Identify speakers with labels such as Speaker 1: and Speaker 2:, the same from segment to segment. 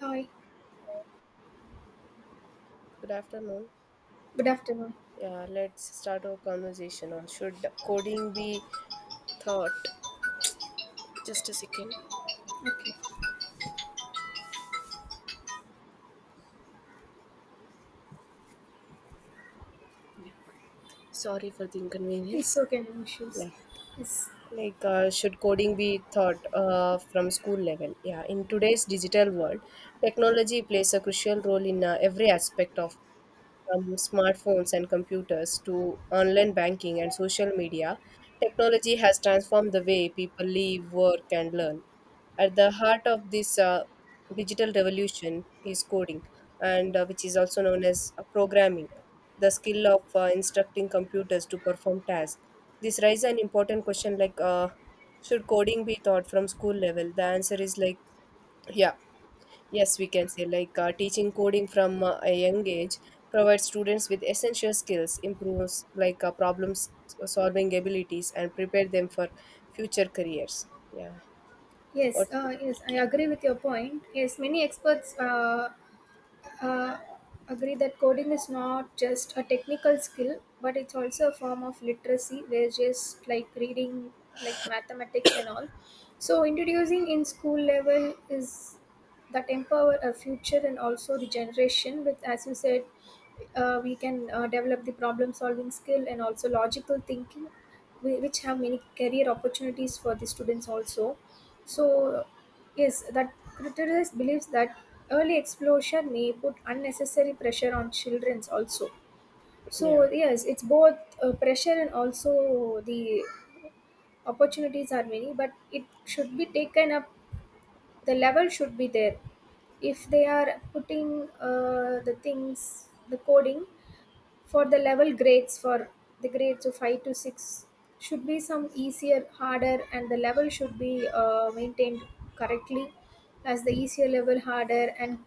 Speaker 1: Hi,
Speaker 2: Good afternoon.
Speaker 1: good afternoon.
Speaker 2: Yeah, let's start our conversation on should coding be thought. Just a second.
Speaker 1: Okay,
Speaker 2: Yeah. Sorry for the
Speaker 1: it's
Speaker 2: inconvenience.
Speaker 1: okay, no issues.
Speaker 2: Yeah.
Speaker 1: Yes,
Speaker 2: Should coding be thought? From school level? Yeah, in today's digital world, technology plays a crucial role in every aspect of from smartphones and computers to online banking and social media, technology has transformed the way people live, work, and learn. At the heart of this digital revolution is coding and which is also known as programming, the skill of instructing computers to perform tasks. This raises an important question like should coding be taught from school level. The answer is like yeah, yes, we can say like teaching coding from a young age provides students with essential skills, improves like solving abilities and prepare them for future careers. Yeah.
Speaker 1: Yes,
Speaker 2: what's your-
Speaker 1: uh, yes, I agree with your point. Yes, many experts uh, agree that coding is not just a technical skill, but it's also a form of literacy, where just like reading, like mathematics and all. So introducing in school level is that empower a future and also the generation with, as you said, we can develop the problem solving skill and also logical thinking, which have many career opportunities for the students also. So, yes, that criticist believes that early exposure may put unnecessary pressure on childrens also. So,
Speaker 2: yeah.
Speaker 1: yes, it's both pressure and also the opportunities are many, but it should be taken up, the level should be there. If they are putting the things, the coding, for the level grades for the grades of 5 to 6, should be some easier, harder, and the level should be maintained correctly, as the easier level harder and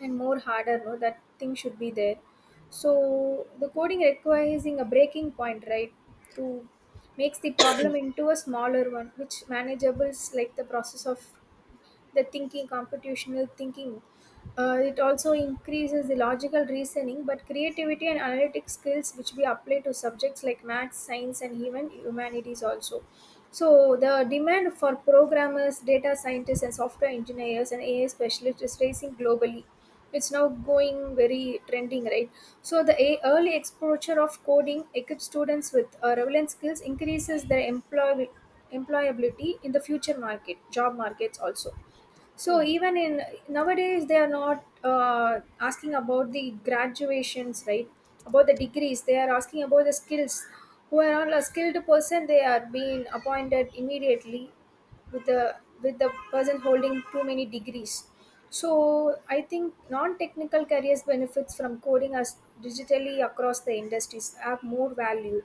Speaker 1: more harder. No, that thing should be there. So the coding requires a breaking point, right? To makes the problem into a smaller one which manageables, like the process of the thinking, computational thinking. It also increases the logical reasoning, but creativity and analytic skills, which we apply to subjects like maths, science, and even humanities also. So the demand for programmers, data scientists, and software engineers and AI specialists is rising globally. It's now going very trending, right? So the early exposure of coding equips students with relevant skills, increases their employability in the future market, job markets also. So
Speaker 2: Yeah.
Speaker 1: even in nowadays, they are not asking about the graduations, right? About the degrees, they are asking about the skills. Who are all a skilled person, they are being appointed immediately with the person holding too many degrees. So I think non-technical careers benefits from coding as digitally across the industries are more valued.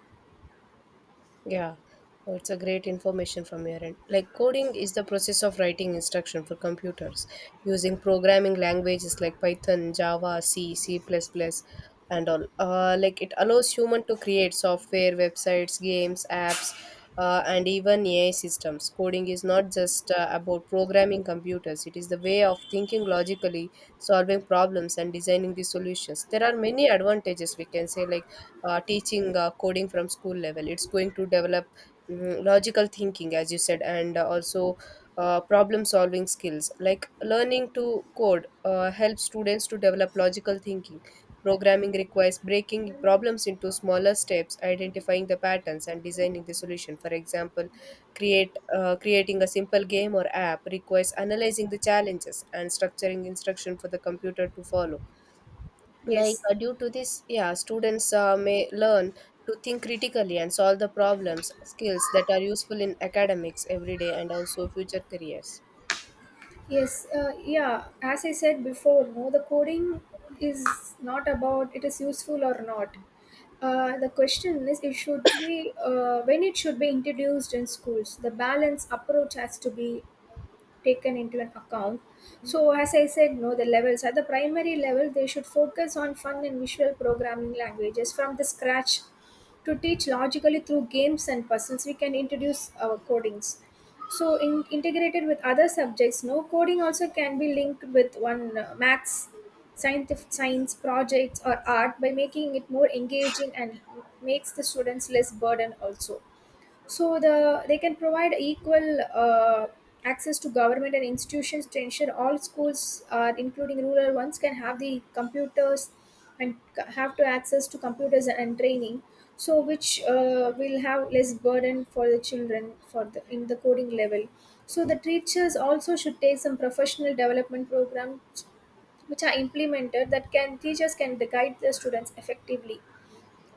Speaker 2: Yeah. Oh, it's a great information from your end. Like coding is the process of writing instruction for computers using programming languages like Python, Java, C, C++, and all. Like it allows human to create software, websites, games, apps, and even AI systems. Coding is not just about programming computers. It is the way of thinking logically, solving problems, and designing the solutions. There are many advantages, we can say, like teaching coding from school level, it's going to develop logical thinking, as you said, and also problem solving skills. Like learning to code helps students to develop logical thinking. Programming requires breaking problems into smaller steps, identifying the patterns and designing the solution. For example, create creating a simple game or app requires analyzing the challenges and structuring instruction for the computer to follow. Like
Speaker 1: Yes.
Speaker 2: due to this, yeah, students may learn to think critically and solve the problems, skills that are useful in academics, every day and also future careers.
Speaker 1: Yes, yeah. As I said before, no, the coding is not about it is useful or not. The question is, it should be when it should be introduced in schools. The balance approach has to be taken into an account. So as I said, no, the levels at the primary level they should focus on fun and visual programming languages from the scratch to teach logically through games and puzzles we can introduce our codings. Integrated with other subjects, no, coding also can be linked with one maths, scientific science projects or art by making it more engaging and makes the students less burdened also. So the they can provide equal access to government and institutions to ensure all schools are including rural ones can have the computers and have to access to computers and training, so which will have less burden for the children for the in the coding level. So the teachers also should take some professional development programs which are implemented, that can teachers can guide the students effectively.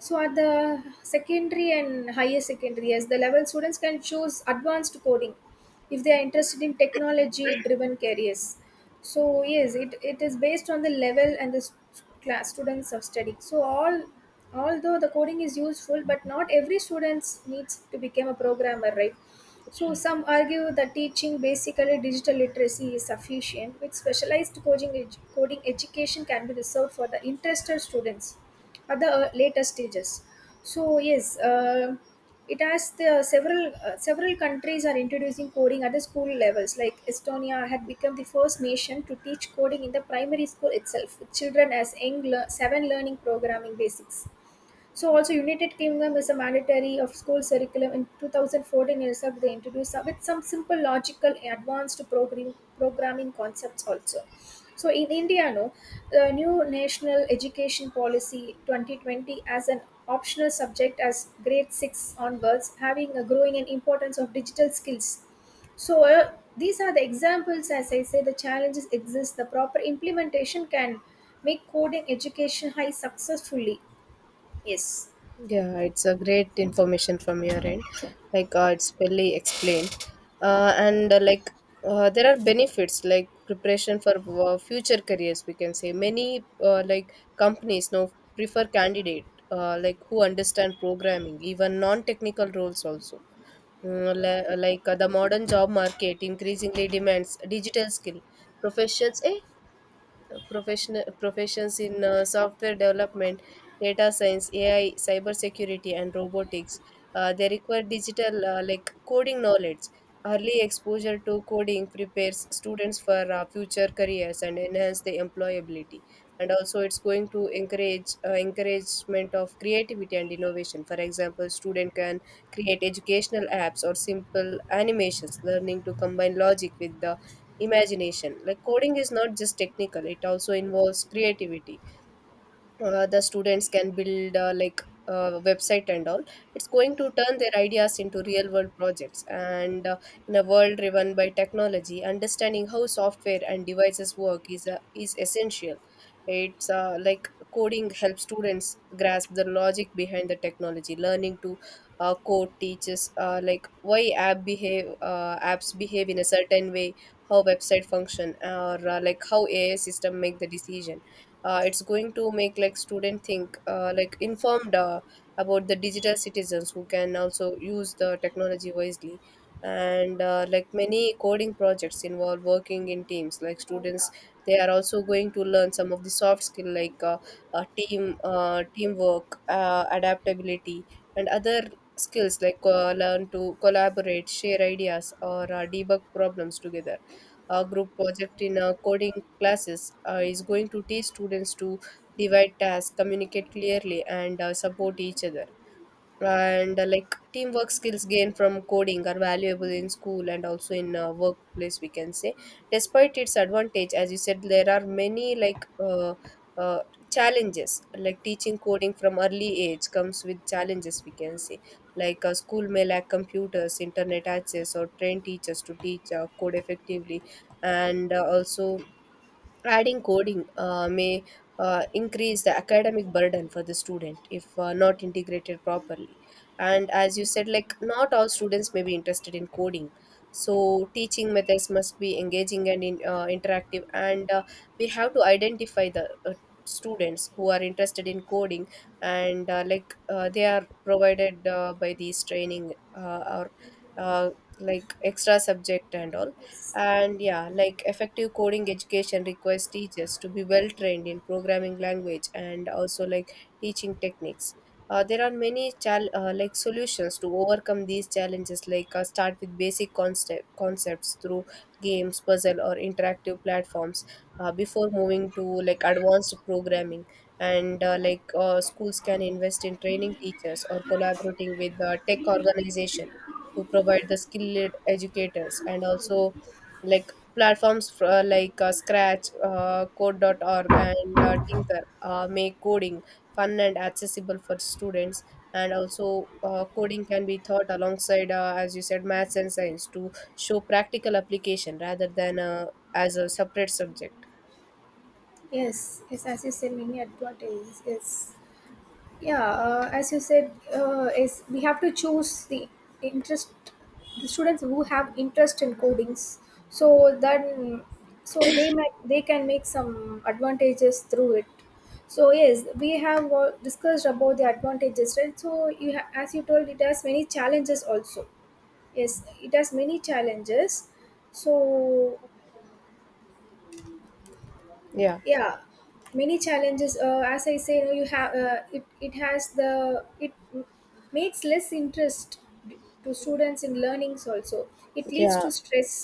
Speaker 1: So at the secondary and higher secondary, as the level students can choose advanced coding if they are interested in technology driven careers. So yes, it is based on the level and the class students of study. So all, although the coding is useful, but not every students needs to become a programmer, right? So, some argue that teaching basically digital literacy is sufficient, with specialized coding education can be reserved for the interested students at the later stages. So, yes, it has the several countries are introducing coding at the school levels. Like Estonia had become the first nation to teach coding in the primary school itself, with children as young seven learning programming basics. So also United Kingdom is a mandatory of school curriculum in 2014 itself, they introduced with some simple logical advanced programming concepts also. So in India, no, the new National Education Policy 2020 as an optional subject as grade 6 onwards, having a growing in importance of digital skills. So these are the examples. As I say, the challenges exist, the proper implementation can make coding education high successfully. Yes.
Speaker 2: Yeah, it's a great information from your end. It's fully explained, and like there are benefits like preparation for future careers. We can say many companies now prefer candidate like who understand programming, even non-technical roles also. The modern job market increasingly demands digital skill professions eh, professional professions in software development, data science, AI, cybersecurity, and robotics. They require digital like coding knowledge. Early exposure to coding prepares students for future careers and enhance the employability. And also, it's going to encouragement of creativity and innovation. For example, student can create educational apps or simple animations, learning to combine logic with the imagination. Like coding is not just technical, it also involves creativity. The students can build website and all. It's going to turn their ideas into real world projects. And In a world driven by technology, understanding how software and devices work is essential. It's Like coding helps students grasp the logic behind the technology. Learning to code teaches like why apps behave in a certain way, how website function, or like how AI system make the decision. Uh, it's going to make like student think like informed about the digital citizens who can also use the technology wisely. And like many coding projects involve working in teams. Like students, they are also going to learn some of the soft skill like teamwork, adaptability and other skills. Like learn to collaborate, share ideas, or debug problems together. A group project in coding classes is going to teach students to divide tasks, communicate clearly, and support each other. And like Teamwork skills gained from coding are valuable in school and also in workplace, we can say. Despite its advantage, as you said, there are many uh, challenges. Like teaching coding from early age comes with challenges, we can say. Like a school may lack computers, internet access, or trained teachers to teach code effectively. And Also, adding coding may increase the academic burden for the student if not integrated properly. And as you said, like not all students may be interested in coding. So teaching methods must be engaging and interactive. And we have to identify the students who are interested in coding, and they are provided by these training, or uh, like extra subject and all.
Speaker 1: Yes,
Speaker 2: And yeah, like effective coding education requires teachers to be well trained in programming language and also like teaching techniques. There are many solutions to overcome these challenges. Like start with basic concepts through games, puzzle, or interactive platforms before moving to like advanced programming. And schools can invest in training teachers or collaborating with tech organization to provide the skilled educators, and also like platforms Scratch, Code.org, and Tinker make coding fun and accessible for students. And also, coding can be taught alongside, as you said, maths and science to show practical application rather than as a separate subject.
Speaker 1: yes, as you said, many advantages. Yes, yeah. As you said, is we have to choose the interest, the students who have interest in codings. So then, so they can make some advantages through it. So yes, we have discussed about the advantages, right? So as you told, it has many challenges also. Yes, it has many challenges. So
Speaker 2: Yeah,
Speaker 1: yeah, many challenges as I say, you know, you have it it has the it makes less interest d- to students in learnings also. It leads
Speaker 2: yeah,
Speaker 1: to stress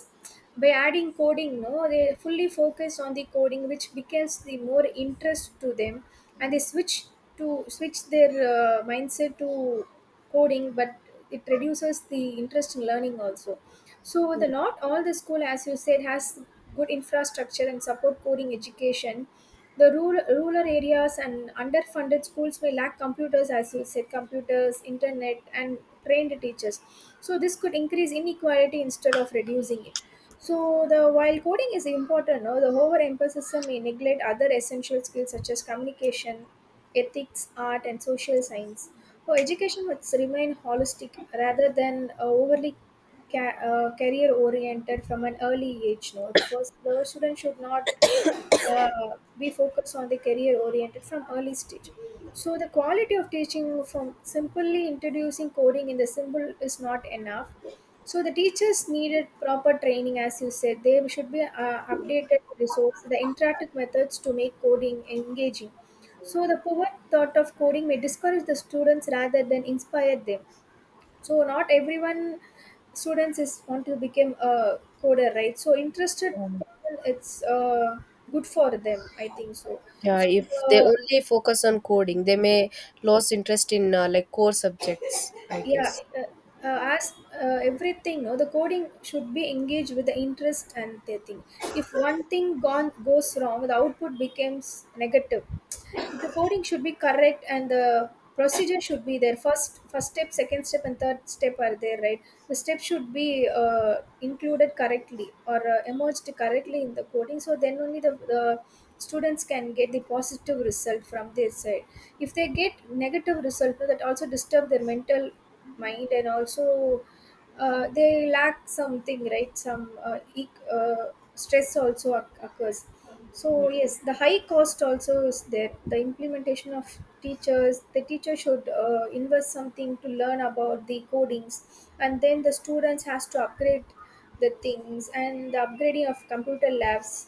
Speaker 1: by adding coding, no, they fully focus on the coding which becomes the more interest to them, and they switch to switch their mindset to coding, but it reduces the interest in learning also. So the not all the school, as you said, has good infrastructure and support coding education. The rural areas and underfunded schools may lack computers, as you said, computers, internet, and trained teachers. So this could increase inequality instead of reducing it. So the while coding is important, no, the overemphasis may neglect other essential skills such as communication, ethics, art, and social science. So education must remain holistic rather than overly career oriented. From an early age, no, the person the student should not uh, be focused on the career oriented from early stage. So the quality of teaching, from simply introducing coding in the symbol is not enough. So the teachers needed proper training, as you said they should be updated resource, the interactive methods to make coding engaging. So the poor thought of coding may discourage the students rather than inspire them. So not everyone students is want to become a coder, right? So interested person, it's good for them, I think so.
Speaker 2: yeah.
Speaker 1: So
Speaker 2: If they
Speaker 1: uh,
Speaker 2: only focus on coding, they may lose interest in like core subjects, I
Speaker 1: yeah
Speaker 2: guess.
Speaker 1: uh, as everything, no, the coding should be engaged with the interest and the thing. If one thing gone goes wrong, the output becomes negative. The coding should be correct and the procedure should be there. First step, second step, and third step are there, right? The step should be included correctly or emerged correctly in the coding, so then only the students can get the positive result from their side. If they get negative result, no, that also disturb their mental mind, and also they lack something, right? Some stress also occurs.
Speaker 2: Yeah.
Speaker 1: So yes, the high cost also is there, the implementation of teachers. The teacher should invest something to learn about the codings, and then the students has to upgrade the things, and the upgrading of computer labs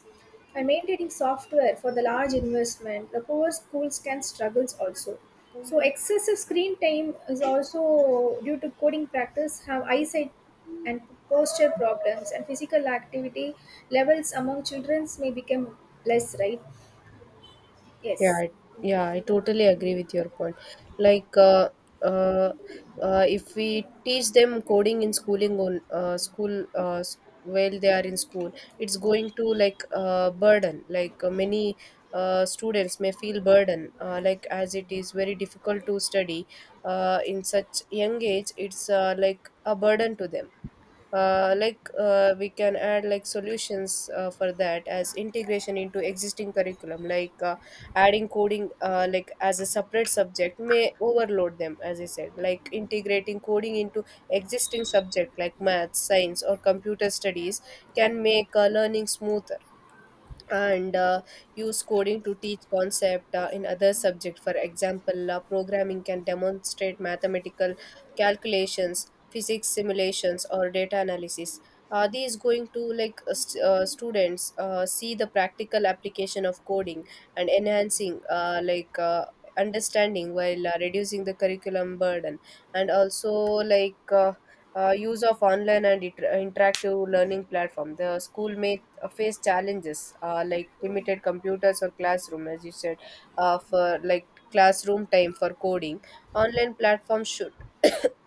Speaker 1: and maintaining software for the large investment, the poor schools can struggle also. So excessive screen time is also due to coding practice, have eyesight and posture problems, and physical activity levels among children may become less, right?
Speaker 2: Yeah,
Speaker 1: Yes.
Speaker 2: I- yeah, I totally agree with your point. Like, uh, uh, if we teach them coding in schooling while they are in school, it's going to like burden. Many students may feel burden. Like as it is very difficult to study in such young age, it's like a burden to them. We can add like solutions for that as integration into existing curriculum. Like adding coding like as a separate subject may overload them. As I said, like integrating coding into existing subject like math, science, or computer studies can make learning smoother, and use coding to teach concept in other subject. For example, programming can demonstrate mathematical calculations, physics simulations, or data analysis. Are these going to like students see the practical application of coding and enhancing understanding while reducing the curriculum burden. And also use of online and interactive learning platform, the school may face challenges like limited computers or classroom, as you said, for like classroom time for coding. Online platforms should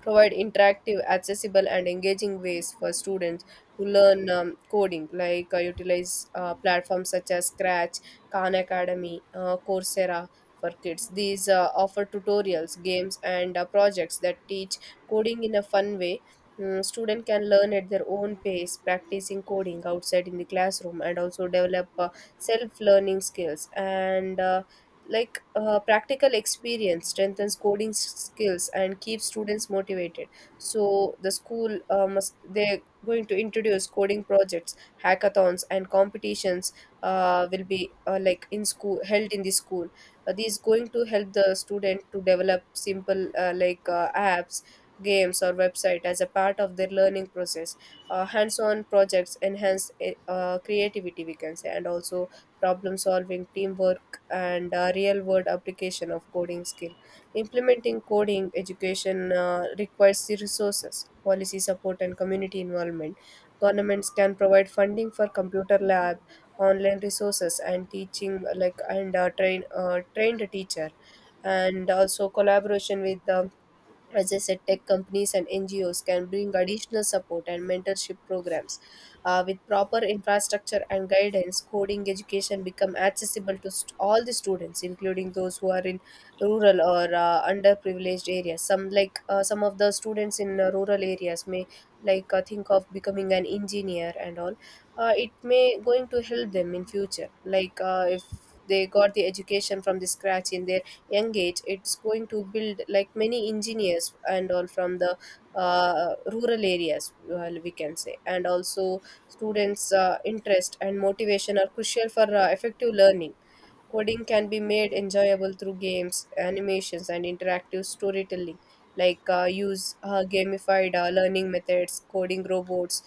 Speaker 2: provide interactive, accessible and engaging ways for students to learn coding. Like utilize platforms such as Scratch, Khan Academy, Coursera for kids. These offer tutorials, games and projects that teach coding in a fun way. Mm, student can learn at their own pace, practicing coding outside in the classroom, and also develop self-learning skills. And practical experience strengthens skills and keeps students motivated. So the school must they're going to introduce coding projects, hackathons, and competitions will be like in school, held in the school. These going to help the student to develop simple apps, games or website as a part of their learning process. Uh, hands-on projects enhance creativity, we can say, and also problem solving, teamwork and real world application of coding skill. Implementing coding education requires the resources, policy support, and community involvement. Governments can provide funding for computer lab, online resources, and teaching like and train trained teacher, and also collaboration with the, as I said, tech companies and NGOs can bring additional support and mentorship programs. With proper infrastructure and guidance, coding education become accessible to all the students, including those who are in rural or underprivileged areas. Some like some of the students in rural areas may like think of becoming an engineer and all. It may going to help them in future. Like if they got the education from the scratch in their young age, it's going to build like many engineers and all from the rural areas, well, we can say. And also students interest and motivation are crucial for effective learning. Coding can be made enjoyable through games, animations, and interactive storytelling. Like use gamified learning methods, coding robots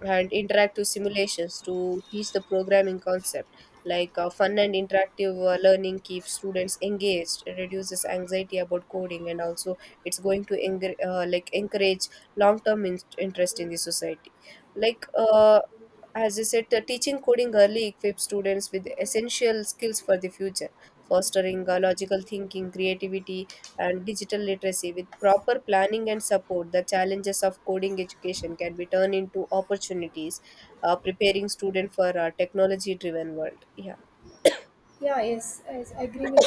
Speaker 2: and interactive simulations to teach the programming concept. Like fun and interactive learning keeps students engaged, it reduces anxiety about coding, and also it's going to engr like encourage long-term interest in the society. Like uh, as I said, the teaching coding early equips students with essential skills for the future, fostering logical thinking, creativity, and digital literacy. With proper planning and support, the challenges of coding education can be turned into opportunities, preparing students for a technology driven world. Yeah,
Speaker 1: Yeah, yes, yes, I agree with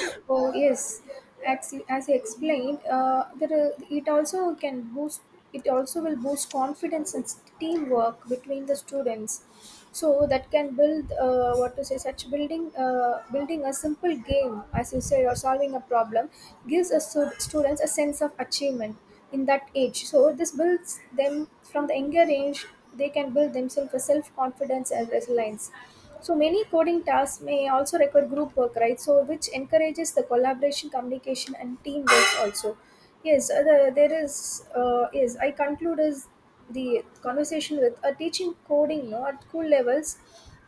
Speaker 1: you. Well, yes, as you explained, there are, it also can boost. It also will boost confidence and teamwork between the students. So that can build what to say, such building a simple game as you said, or solving a problem, gives a students a sense of achievement in that age. So this builds them from the younger age. They can build themselves a self confidence and resilience. So many coding tasks may also require group work, right? So which encourages the collaboration, communication, and teamwork also. There is. Yes, I conclude is the conversation with teaching coding, no, at school levels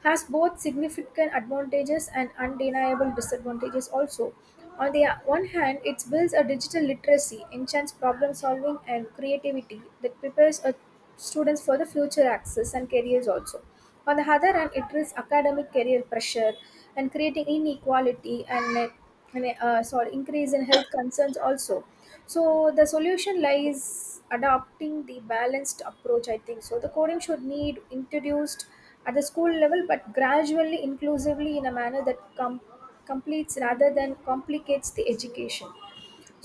Speaker 1: has both significant advantages and undeniable disadvantages also. On the one hand, it builds a digital literacy, enchants problem solving and creativity that prepares a students for the future access and careers also. On the other hand, it risks academic career pressure and creating inequality and, increase in health concerns also. So the solution lies adopting the balanced approach, I think. So the coding should need introduced at the school level, but gradually, inclusively, in a manner that completes rather than complicates the education.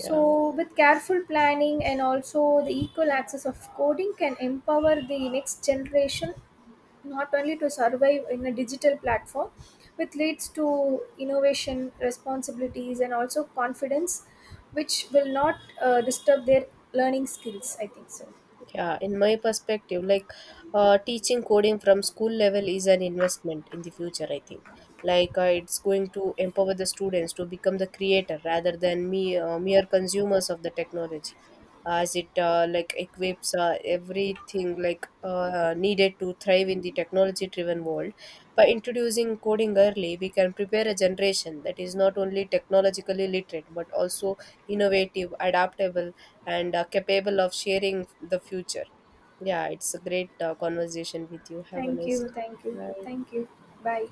Speaker 2: yeah.
Speaker 1: with careful planning and also the equal access of coding, can empower the next generation not only to survive in a digital platform, which leads to innovation responsibilities and also confidence, which will not disturb their learning skills, I think so.
Speaker 2: Yeah, in my perspective, teaching coding from school level is an investment in the future, I think. It's going to empower the students to become the creator rather than me mere consumers of the technology, as it like equips everything like needed to thrive in the technology-driven world. By introducing coding early, we can prepare a generation that is not only technologically literate but also innovative, adaptable, and are capable of sharing the future. Yeah, it's a great conversation with you. Have a
Speaker 1: thank
Speaker 2: nice
Speaker 1: you
Speaker 2: day.
Speaker 1: thank you
Speaker 2: Bye.
Speaker 1: Thank you. Bye.